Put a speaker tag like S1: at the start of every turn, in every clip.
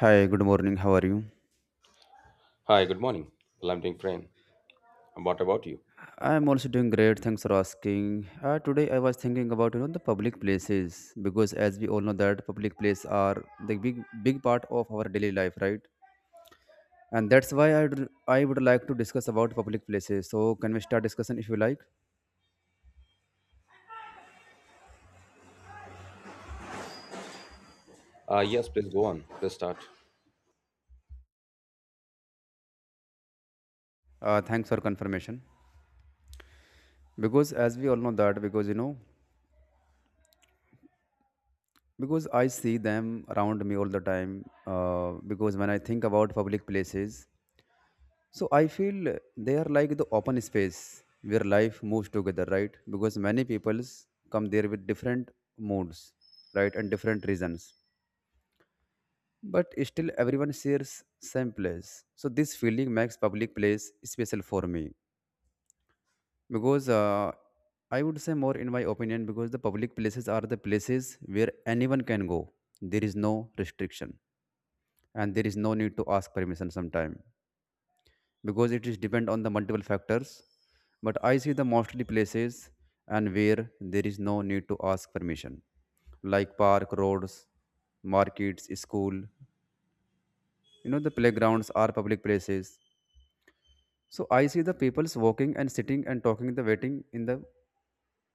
S1: Hi, good morning. How are you?
S2: Hi, good morning. Well, I'm doing fine. And what about you?
S1: I'm also doing great. Thanks for asking. Today I was thinking about the public places because as we all know that public places are the big part of our daily life, right? And that's why I would like to discuss about public places. So can we start discussion if you like?
S2: Yes, please go on. Please start.
S1: Thanks for confirmation. Because as we all know that because you know because I see them around me all the time. Because when I think about public places. So I feel they are like the open space where life moves together, right? Because many peoples come there with different moods, right, and different reasons. But still everyone shares same place. So this feeling makes public place special for me. Because I would say more in my opinion because the public places are the places where anyone can go. There is no restriction and there is no need to ask permission sometime because it is depend on the multiple factors, but I see the mostly places and where there is no need to ask permission like park, roads, markets, school, you know the playgrounds are public places. So I see the people's walking and sitting and talking the waiting in the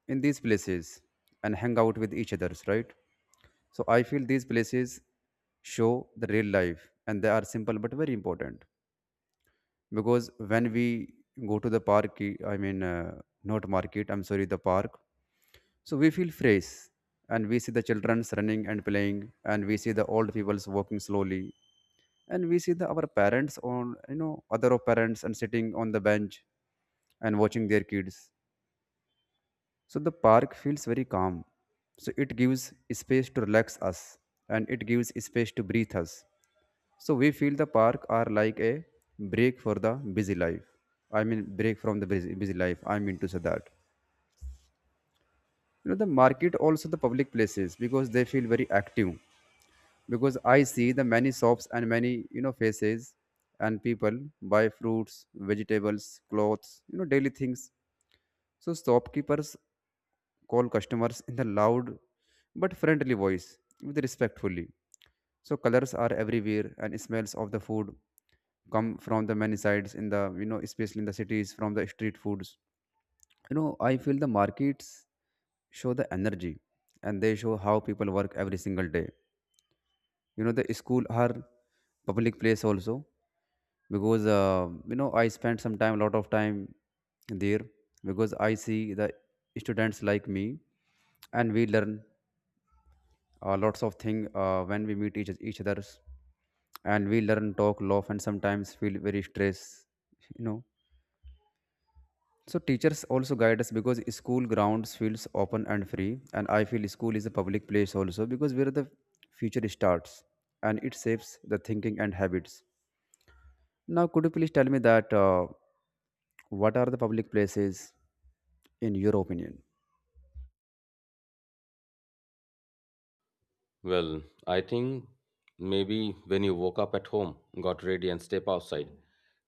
S1: in these places and hang out with each others, right? So I feel these places show the real life, and they are simple but very important. Because when we go to the park I mean not market I'm sorry the park, so we feel fresh, and we see the childrens running and playing, and we see the old peoples walking slowly, and we see the our parents on other of parents and sitting on the bench and watching their kids. So the park feels very calm. So it gives space to relax us, and it gives space to breathe us. So we feel the park are like a break for the busy life. I mean break from the busy life. I mean to say that. You know the market also the public places because they feel very active. Because I see the many shops and many faces and people buy fruits, vegetables, clothes, you know daily things. So shopkeepers call customers in the loud but friendly voice with respectfully. So colors are everywhere, and smells of the food come from the many sides in the especially in the cities from the street foods. You know I feel the markets show the energy, and they show how people work every single day. You know the school are public place also because you know I spend some time lot of time there because I see the students like me, and we learn lots of thing when we meet each others, and we learn talk laugh and sometimes feel very stress. You know, so teachers also guide us because school grounds feels open and free. And I feel school is a public place also because where the future starts, and it shapes the thinking and habits. Now could you please tell me that what are the public places in your opinion?
S2: Well, I think maybe when you woke up at home, got ready, and step outside,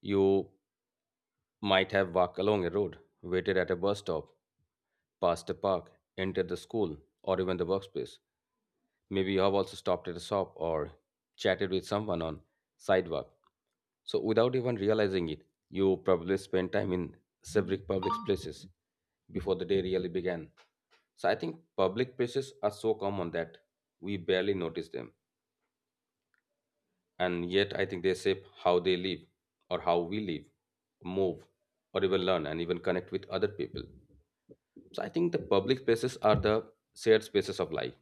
S2: you might have walked along a road, waited at a bus stop, passed a park, entered the school, or even the workspace. Maybe you have also stopped at a shop or chatted with someone on sidewalk. So without even realizing it, you probably spent time in several public places before the day really began. So I think public places are so common that we barely notice them. And yet I think they shape how they live or how we live, move, or even learn and even connect with other people. So I think the public spaces are the shared spaces of life.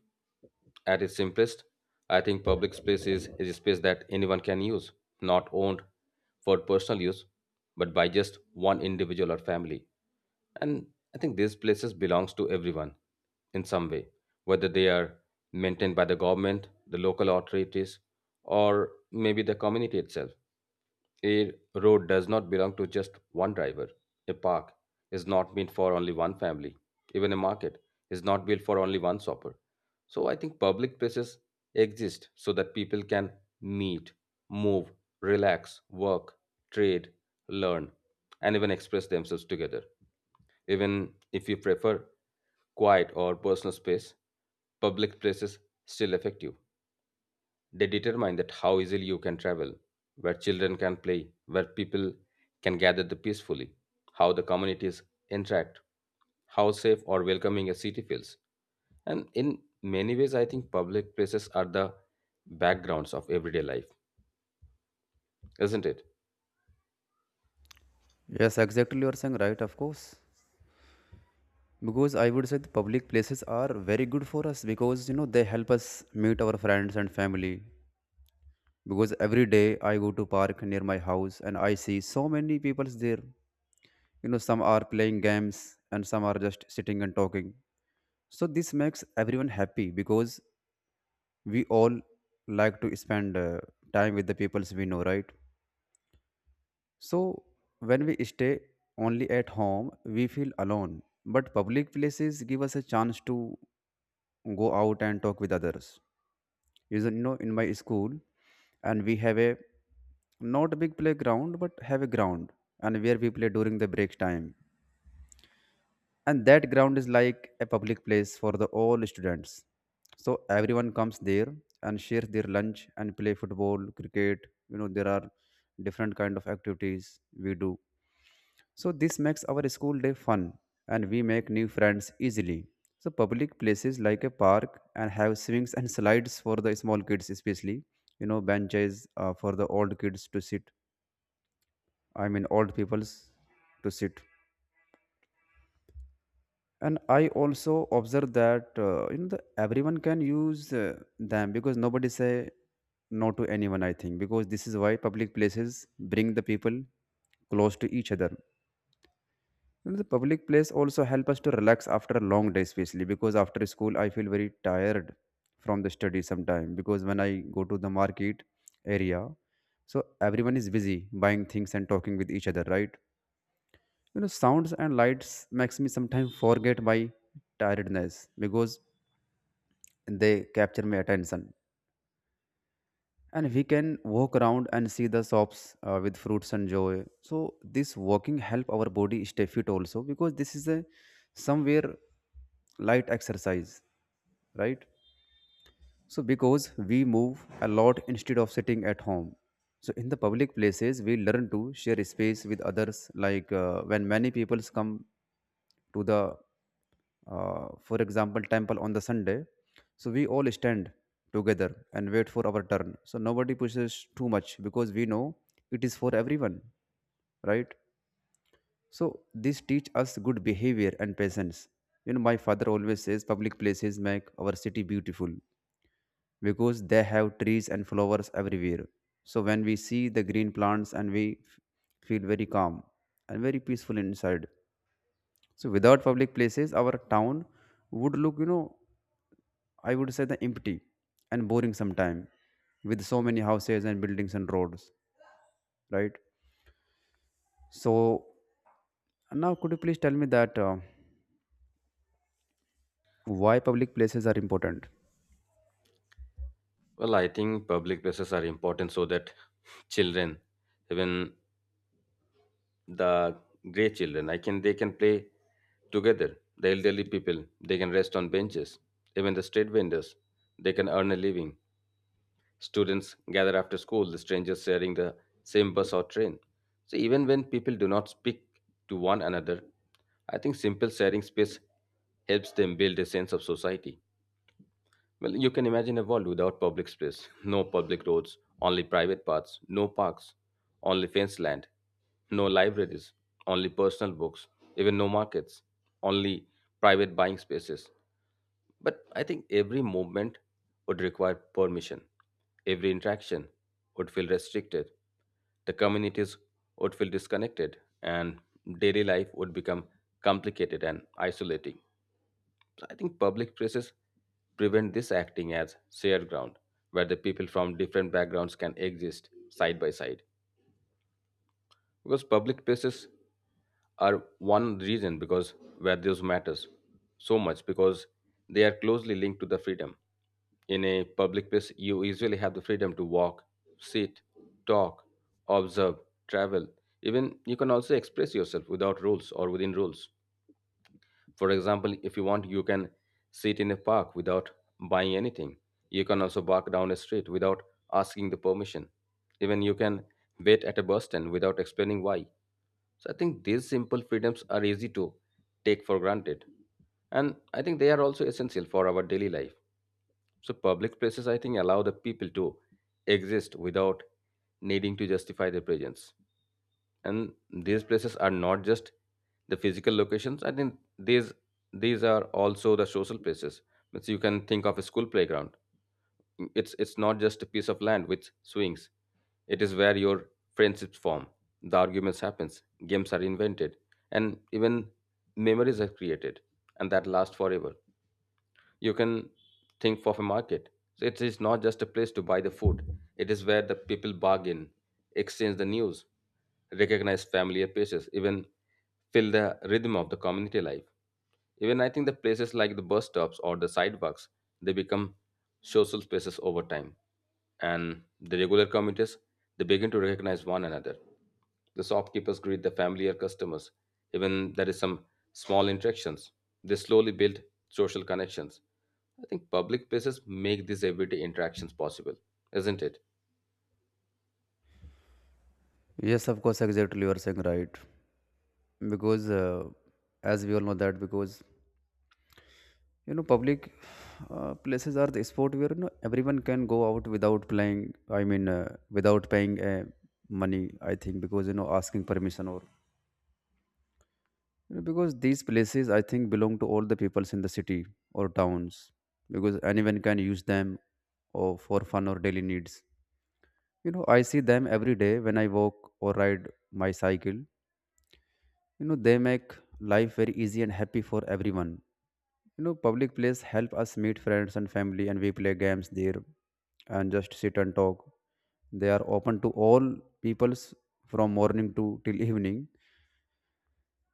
S2: At its simplest, I think public space is a space that anyone can use, not owned for personal use, but by just one individual or family. And I think these places belongs to everyone in some way, whether they are maintained by the government, the local authorities, or maybe the community itself. A road does not belong to just one driver. A park is not meant for only one family. Even a market is not built for only one shopper. So I think public places exist so that people can meet, move, relax, work, trade, learn, and even express themselves together. Even if you prefer quiet or personal space, public places still effective they determine that how easily you can travel, where children can play, where people can gather the peacefully, how the communities interact, how safe or welcoming a city feels. And in many ways, I think public places are the backgrounds of everyday life, isn't it?
S1: Yes, exactly, you are saying right, of course. Because I would say the public places are very good for us because you know they help us meet our friends and family. Because every day I go to park near my house, and I see so many people there. You know, some are playing games and some are just sitting and talking. So this makes everyone happy because we all like to spend time with the peoples we know, right? So when we stay only at home we feel alone, but public places give us a chance to go out and talk with others. Is you know in my school, and we have a not a big playground but have a ground, and where we play during the break time. And that ground is like a public place for the all students. So everyone comes there and shares their lunch and play football, cricket. You know there are different kind of activities we do, so this makes our school day fun, and we make new friends easily. So public places like a park and have swings and slides for the small kids especially, you know benches for the old kids to sit. I mean old people's to sit. And I also observe that you know the, everyone can use them because nobody say no to anyone I think, because this is why public places bring the people close to each other. You know, the public place also help us to relax after a long day, especially because after school I feel very tired from the study sometime. Because when I go to the market area, so everyone is busy buying things and talking with each other, right? You know, sounds and lights makes me sometimes forget my tiredness because they capture my attention, and we can walk around and see the shops with fruits and joy. So this walking help our body stay fit also, because this is a somewhere light exercise, right? So because we move a lot instead of sitting at home. So in the public places we learn to share space with others, like when many people come to the for example temple on the Sunday, so we all stand together and wait for our turn, so nobody pushes too much because we know it is for everyone, right? So this teach us good behavior and patience. You know my father always says public places make our city beautiful because they have trees and flowers everywhere. So when we see the green plants, and we feel very calm and very peaceful inside. So without public places, our town would look, you know, I would say the empty and boring sometime, with so many houses and buildings and roads, right? So now could you please tell me that why public places are important?
S2: Well, I think public places are important so that children, even the grey children. I can they can play together. The elderly people they can rest on benches. Even the street vendors they can earn a living. Students gather after school. The strangers sharing the same bus or train. So even when people do not speak to one another, I think simple sharing space helps them build a sense of society. Well, you can imagine a world without public space, no public roads, only private paths, no parks, only fenced land, no libraries, only personal books, even no markets, only private buying spaces. But I think every movement would require permission. Every interaction would feel restricted. The communities would feel disconnected, and daily life would become complicated and isolating. So I think public places prevent this acting as shared ground where the people from different backgrounds can exist side by side. Because public places are one reason because where those matters so much because they are closely linked to the freedom. In a public place, you usually have the freedom to walk, sit, talk, observe, travel. Even you can also express yourself without rules or within rules. For example, if you want, you can sit in a park without buying anything. You can also walk down a street without asking the permission. Even you can wait at a bus stand without explaining why. So I think these simple freedoms are easy to take for granted. And I think they are also essential for our daily life. So public places I think allow the people to exist without needing to justify their presence, and these places are not just the physical locations. I think these these are also the social places, means you can think of a school playground. It's not just a piece of land with swings. It is where your friendships form, the arguments happens, games are invented, and even memories are created and that lasts forever. You can think of a market, so it is not just a place to buy the food. It is where the people bargain, exchange the news, recognize familiar faces, even feel the rhythm of the community life. Even I think the places like the bus stops or the sidewalks, they become social spaces over time. And the regular commuters, they begin to recognize one another. The shopkeepers greet the familiar customers. Even there is some small interactions. They slowly build social connections. I think public places make these everyday interactions possible, isn't it?
S1: Yes, of course, exactly, you are saying right. Because As we all know that because you know public places are the sport where you know everyone can go out without playing I mean without paying money I think, because you know asking permission or you know, because these places I think belong to all the peoples in the city or towns, because anyone can use them or for fun or daily needs. You know I see them every day when I walk or ride my cycle. You know they make life very easy and happy for everyone. You know, public place help us meet friends and family, and we play games there, and just sit and talk. They are open to all peoples from morning to till evening.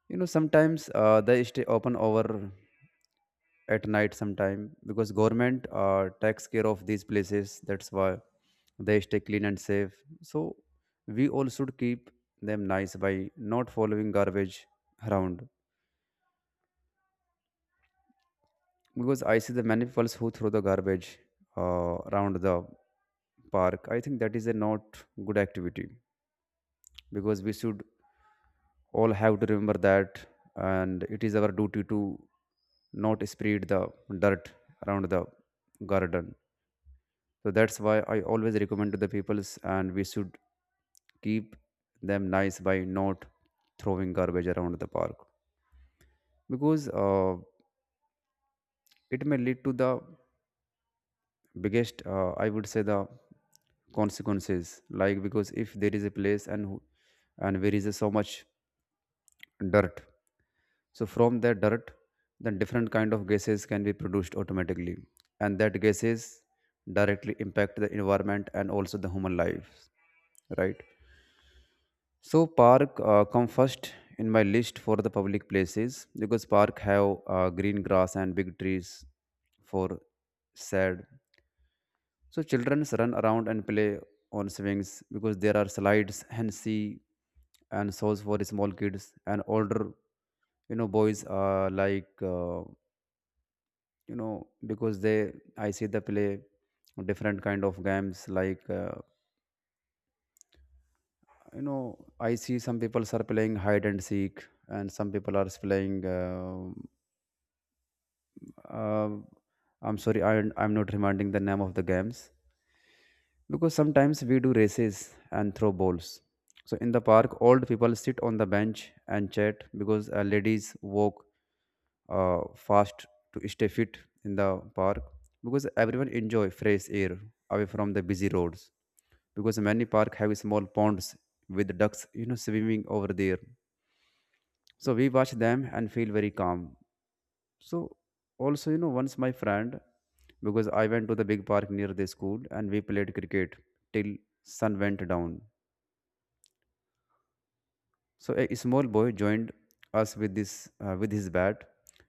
S1: You know, sometimes they stay open over at night sometime because government takes care of these places. That's why they stay clean and safe. So we all should keep them nice by not following garbage around. Because I see the many people who throw the garbage around the park. I think that is a not good activity, because we should all have to remember that, and it is our duty to not spread the dirt around the garden. So that's why I always recommend to the peoples, and we should keep them nice by not throwing garbage around the park, because it may lead to the biggest I would say the consequences, like because if there is a place and there is a so much dirt, so from that dirt then different kind of gases can be produced automatically, and that gases directly impact the environment and also the human lives, right? So park come first in my list for the public places because park have green grass and big trees for shade. So children run around and play on swings, because there are slides and see and shows for small kids and older. You know boys are like you know because they I see they play different kind of games like you know I see some people are playing hide and seek, and some people are playing uh, I'm sorry I'm not reminding the name of the games, because sometimes we do races and throw balls. So in the park, old people sit on the bench and chat, because ladies walk fast to stay fit in the park, because everyone enjoy fresh air away from the busy roads. Because many park have small ponds with ducks you know swimming over there, so we watch them and feel very calm. So also, you know, once my friend, because I went to the big park near the school, and we played cricket till sun went down. So a small boy joined us with this with his bat,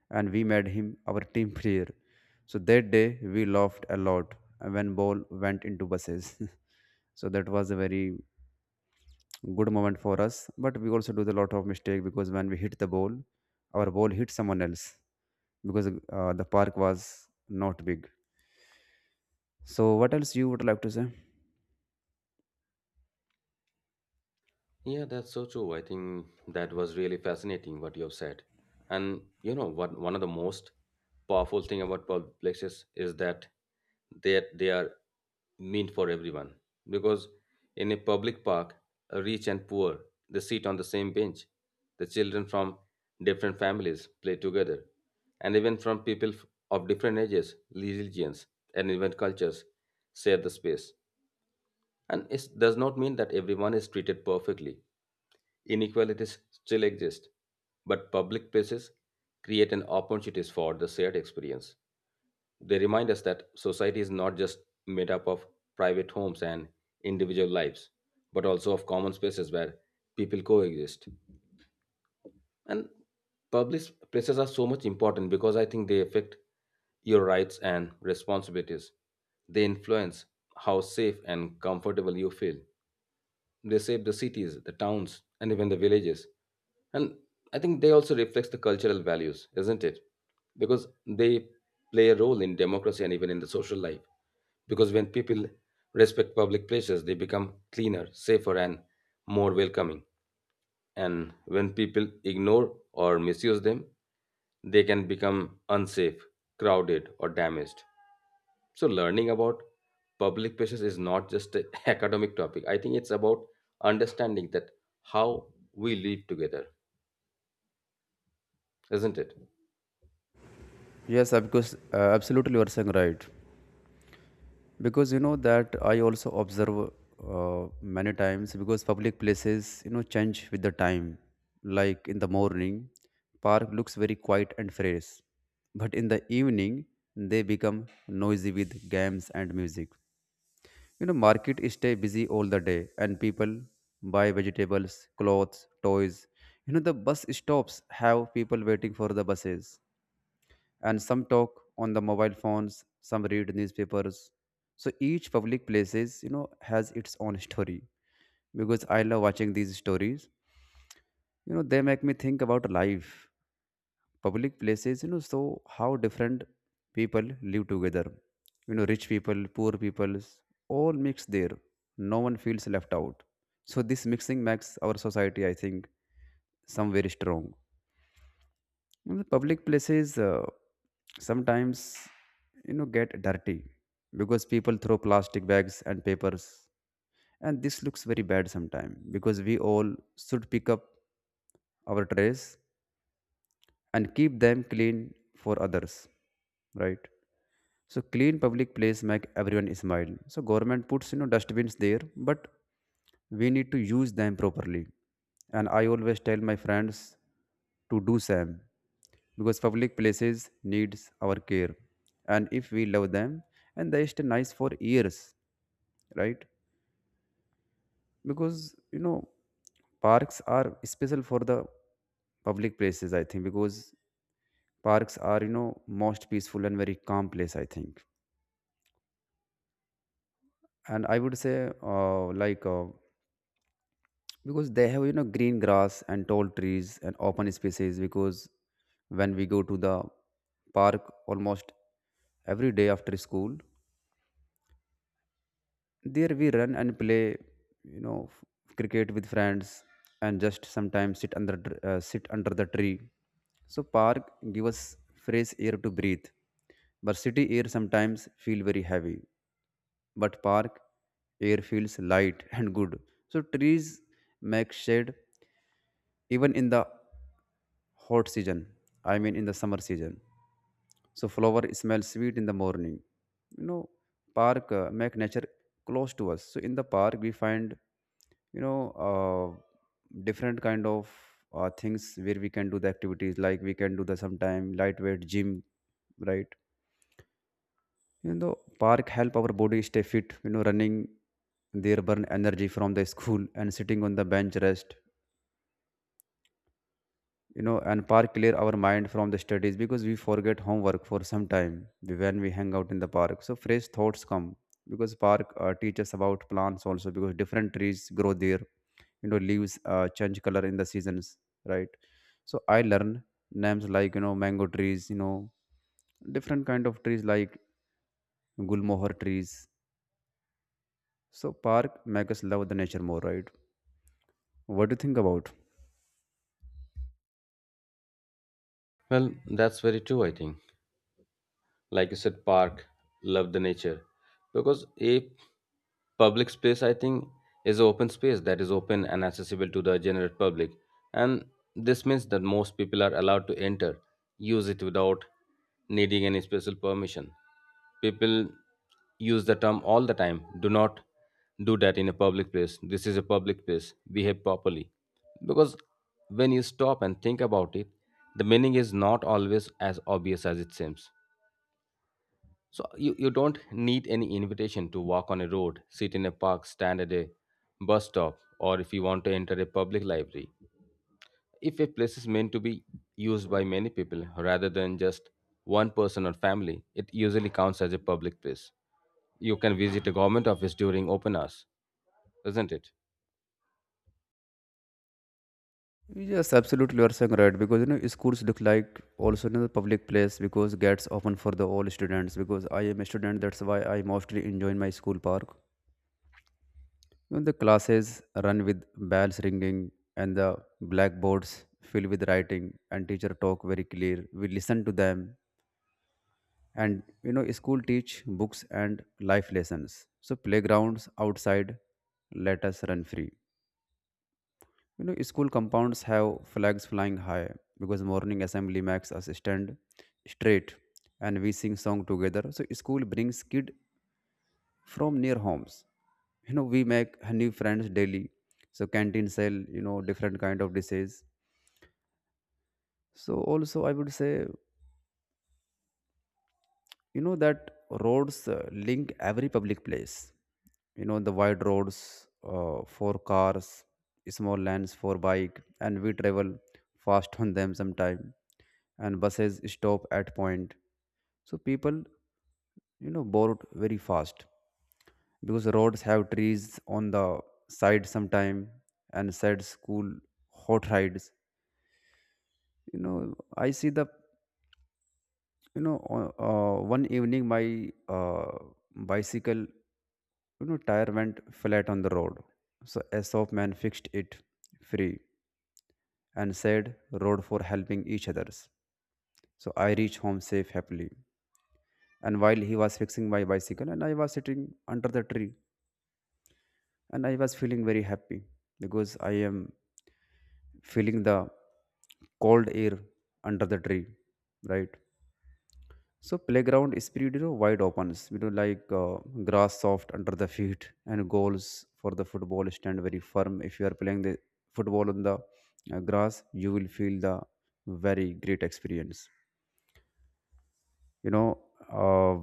S1: and we made him our team player. So that day we laughed a lot when ball went into buses. So that was a very good moment for us. But we also do the lot of mistake because when we hit the ball, our ball hit someone else because the park was not big. So what else you would like to say?
S2: Yeah, that's so true. I think that was really fascinating what you have said. And you know, what one of the most powerful thing about public places is that they are meant for everyone. Because in a public park, rich and poor, they sit on the same bench. The children from different families play together, and even from of different ages, religions, and even cultures share the space. And it does not mean that everyone is treated perfectly. Inequalities still exist, but public places create an opportunities for the shared experience. They remind us that society is not just made up of private homes and individual lives, but also of common spaces where people coexist. And public places are so much important because I think they affect your rights and responsibilities. They influence how safe and comfortable you feel. They save the cities, the towns, and even the villages. And I think they also reflect the cultural values, isn't it? Because they play a role in democracy and even in the social life. Because when people respect public places, they become cleaner, safer, and more welcoming. And when people ignore or misuse them, they can become unsafe, crowded, or damaged. So learning about public places is not just an academic topic. I think it's about understanding that how we live together, isn't it?
S1: Yes, of course, absolutely, you are saying right. Because you know that I also observe many times because public places, you know, change with the time. Like in the morning, park looks very quiet and fresh, but in the evening, they become noisy with games and music. You know, market stay busy all the day, and people buy vegetables, clothes, toys. You know, the bus stops have people waiting for the buses and some talk on the mobile phones, some read newspapers. So each public places, you know, has its own story. Because I love watching these stories, you know, they make me think about life. Public places, you know, so how different people live together, you know, rich people, poor people, all mix there. No one feels left out. So this mixing makes our society, I think, some very strong. You know, the public places, sometimes, you know, get dirty because people throw plastic bags and papers, and this looks very bad sometimes because we all should pick up our trays and keep them clean for others, right? So clean public place make everyone smile. So government puts, you know, dustbins there, but we need to use them properly. And I always tell my friends to do same because public places needs our care. And if we love them, and they stay nice for years, right? Because you know parks are special for the public places. I think because parks are, you know, most peaceful and very calm place. I think, and I would say because they have, you know, green grass and tall trees and open spaces. Because when we go to the park almost every day after school, there we run and play, you know, cricket with friends, and just sometimes sit under sit under the tree. So park give us fresh air to breathe, but city air sometimes feel very heavy, but park air feels light and good. So trees make shade even in the hot season. I mean in the summer season. So flower smell sweet in the morning. You know, park make nature close to us. So in the park we find, you know, different kind of things where we can do the activities, like we can do the sometime lightweight gym, right? You know, park help our body stay fit. You know, running there burn energy from the school and sitting on the bench rest. You know, and park clear our mind from the studies because we forget homework for some time when we hang out in the park. So fresh thoughts come because park teaches about plants also because different trees grow there. You know, leaves change color in the seasons, right? So I learn names like, you know, mango trees. You know, different kind of trees like gulmohar trees. So park make us love the nature more, right? What do you think about?
S2: Well, that's very true, I think. Like you said, park love the nature, because a public space I think is an open space that is open and accessible to the general public, and this means that most people are allowed to enter use it without needing any special permission. People use the term all the time. Do not do that in a public place. This is a public place, behave properly. Because when you stop and think about it, the meaning is not always as obvious as it seems. So you don't need any invitation to walk on a road, sit in a park, stand at a bus stop, or if you want to enter a public library. If a place is meant to be used by many people rather than just one person or family, it usually counts as a public place. You can visit a government office during open hours, isn't it?
S1: Yes, absolutely you are saying right because you know schools look like also, you know, the public place because gets open for the all students. Because I am a student, that's why I mostly enjoy my school park. You know, the classes run with bells ringing and the blackboards filled with writing, and teacher talk very clear. We listen to them, and you know school teach books and life lessons. So playgrounds outside let us run free. You know, school compounds have flags flying high because morning assembly makes us stand straight and we sing song together. So school brings kid from near homes. You know, we make new friends daily. So canteen sell, you know, different kind of dishes. So also I would say, you know, that roads link every public place. You know, the wide roads for cars, small lanes for bike, and we travel fast on them sometime, and buses stop at point, so people, you know, board very fast because roads have trees on the side sometime and said school hot rides. You know, I see the, you know, one evening my uh, bicycle, you know, tire went flat on the road. So Aesop man fixed it free and said, road for helping each others. So I reached home safe happily. And while he was fixing my bicycle and I was sitting under the tree and I was feeling very happy because I am feeling the cold air under the tree, right? So playground spirit, you know, wide opens, you know, grass soft under the feet, and goals for the football stand very firm. If you are playing the football on the grass, you will feel the very great experience. You know, uh,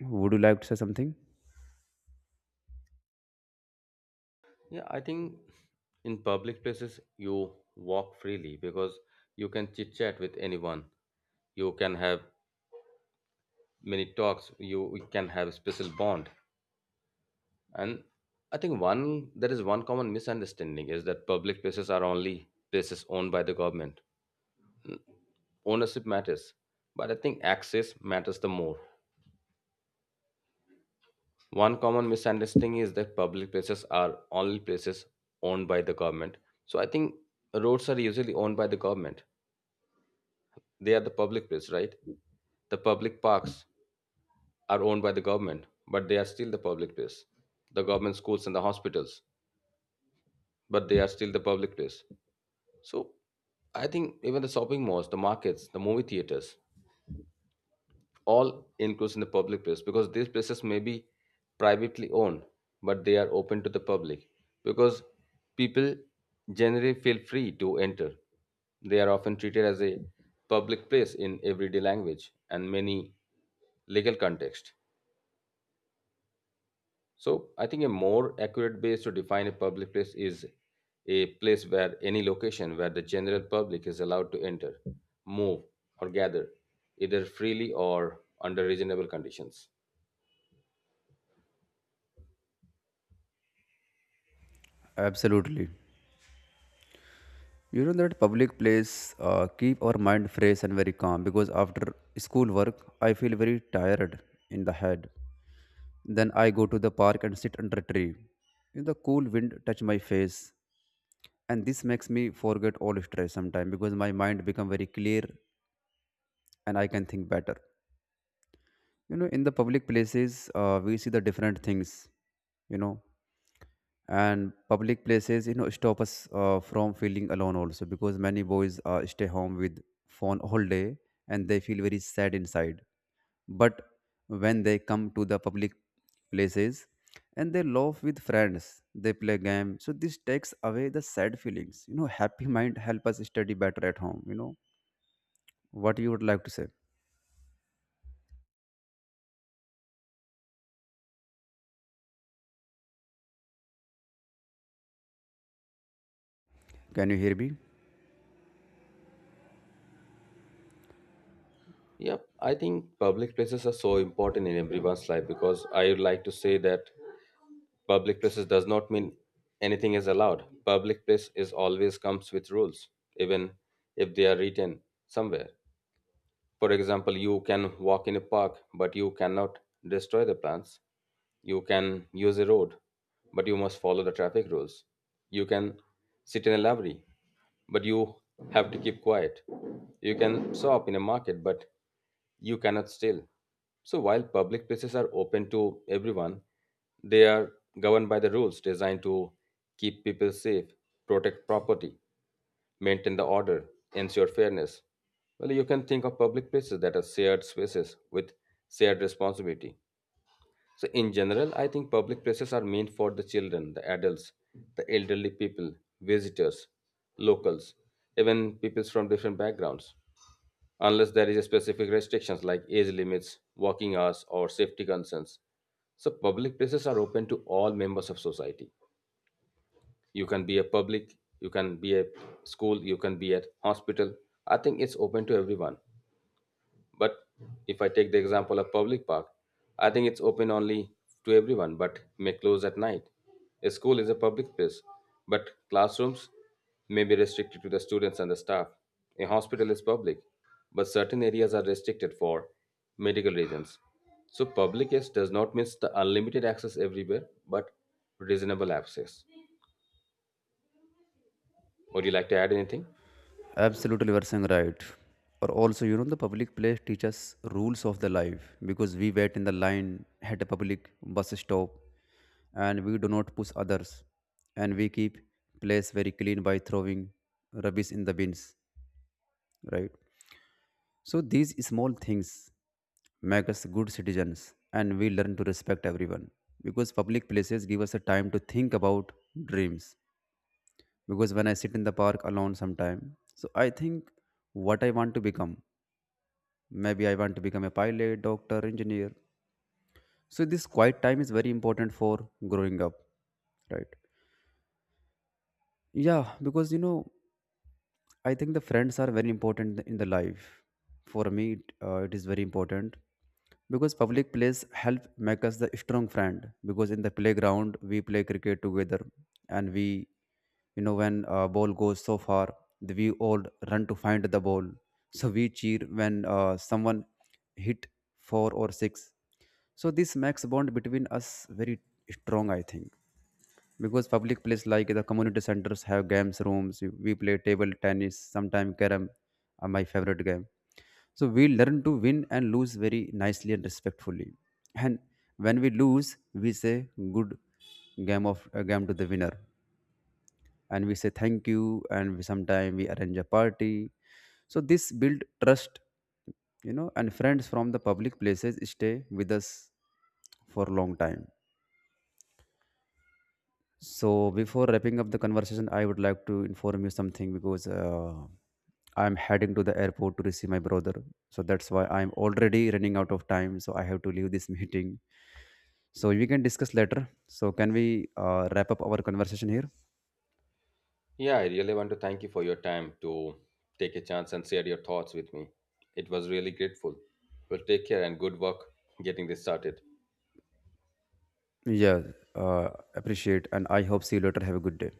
S1: would you like to say something?
S2: Yeah, I think in public places you walk freely because you can chit chat with anyone. You can have many talks. You can have a special bond. And I think one there is one common misunderstanding is that public places are only places owned by the government. Ownership matters, but I think access matters the more. One common misunderstanding is that public places are only places owned by the government. So I think roads are usually owned by the government. They are the public place, right? The public parks are owned by the government, but they are still the public place. The government schools and the hospitals, but they are still the public place. So I think even the shopping malls, the markets, the movie theaters, all includes in the public place because these places may be privately owned, but they are open to the public because people generally feel free to enter. They are often treated as a public place in everyday language and many legal context. So I think a more accurate base to define a public place is a place where any location where the general public is allowed to enter, move, or gather, either freely or under reasonable conditions.
S1: Absolutely. You know that public place keep our mind fresh and very calm because after school work, I feel very tired in the head. Then I go to the park and sit under a tree. The cool wind touch my face and this makes me forget all stress sometimes because my mind become very clear and I can think better. You know, in the public places, we see the different things, you know, and public places, you know, stop us from feeling alone also because many boys stay home with phone all day and they feel very sad inside. But when they come to the public places, and they laugh with friends, they play game, so this takes away the sad feelings. You know, happy mind help us study better at home. You know, what you would like to say? Can you hear me?
S2: Yep, I think public places are so important in everyone's life because I would like to say that public places does not mean anything is allowed. Public place is always comes with rules, even if they are written somewhere. For example, you can walk in a park, but you cannot destroy the plants. You can use a road, but you must follow the traffic rules. You can sit in a library, but you have to keep quiet. You can shop in a market, but you cannot steal. So while public places are open to everyone, they are governed by the rules designed to keep people safe, protect property, maintain the order, ensure fairness. Well, you can think of public places that are shared spaces with shared responsibility. So, in general, I think public places are meant for the children, the adults, the elderly people, visitors, locals, even peoples from different backgrounds unless there is a specific restrictions like age limits, working hours, or safety concerns. So public places are open to all members of society. You can be a public, you can be a school, you can be at hospital. I think it's open to everyone. But if I take the example of public park, I think it's open only to everyone but may close at night. A school is a public place, but classrooms may be restricted to the students and the staff. A hospital is public, but certain areas are restricted for medical reasons. So public yes does not mean the unlimited access everywhere, but reasonable access. Would you like to add anything?
S1: Absolutely, you are saying right. Or also, you know, the public place teaches rules of the life because we wait in the line at a public bus stop and we do not push others and we keep place very clean by throwing rubbish in the bins, right? So these small things make us good citizens and we learn to respect everyone because public places give us a time to think about dreams. Because when I sit in the park alone sometime, so I think what I want to become, maybe I want to become a pilot, doctor, engineer. So this quiet time is very important for growing up, right? Yeah, because you know I think the friends are very important in the life. For me, it is very important because public place help make us the strong friend. Because in the playground we play cricket together, and we, you know, when ball goes so far, we all run to find the ball. So we cheer when someone hit four or six. So this makes bond between us very strong. I think because public place like the community centers have games rooms, we play table tennis. Sometimes carom are my favorite game. So we learn to win and lose very nicely and respectfully, and when we lose we say good game of a game to the winner, and we say thank you, and we sometimes we arrange a party. So this build trust, you know, and friends from the public places stay with us for a long time. So before wrapping up the conversation, I would like to inform you something because I'm heading to the airport to receive my brother. So that's why I'm already running out of time. So I have to leave this meeting. So we can discuss later. So can we wrap up our conversation here?
S2: Yeah, I really want to thank you for your time to take a chance and share your thoughts with me. It was really grateful. Well, take care and good work getting this started.
S1: Yeah, uh, appreciate, and I hope see you later. Have a good day.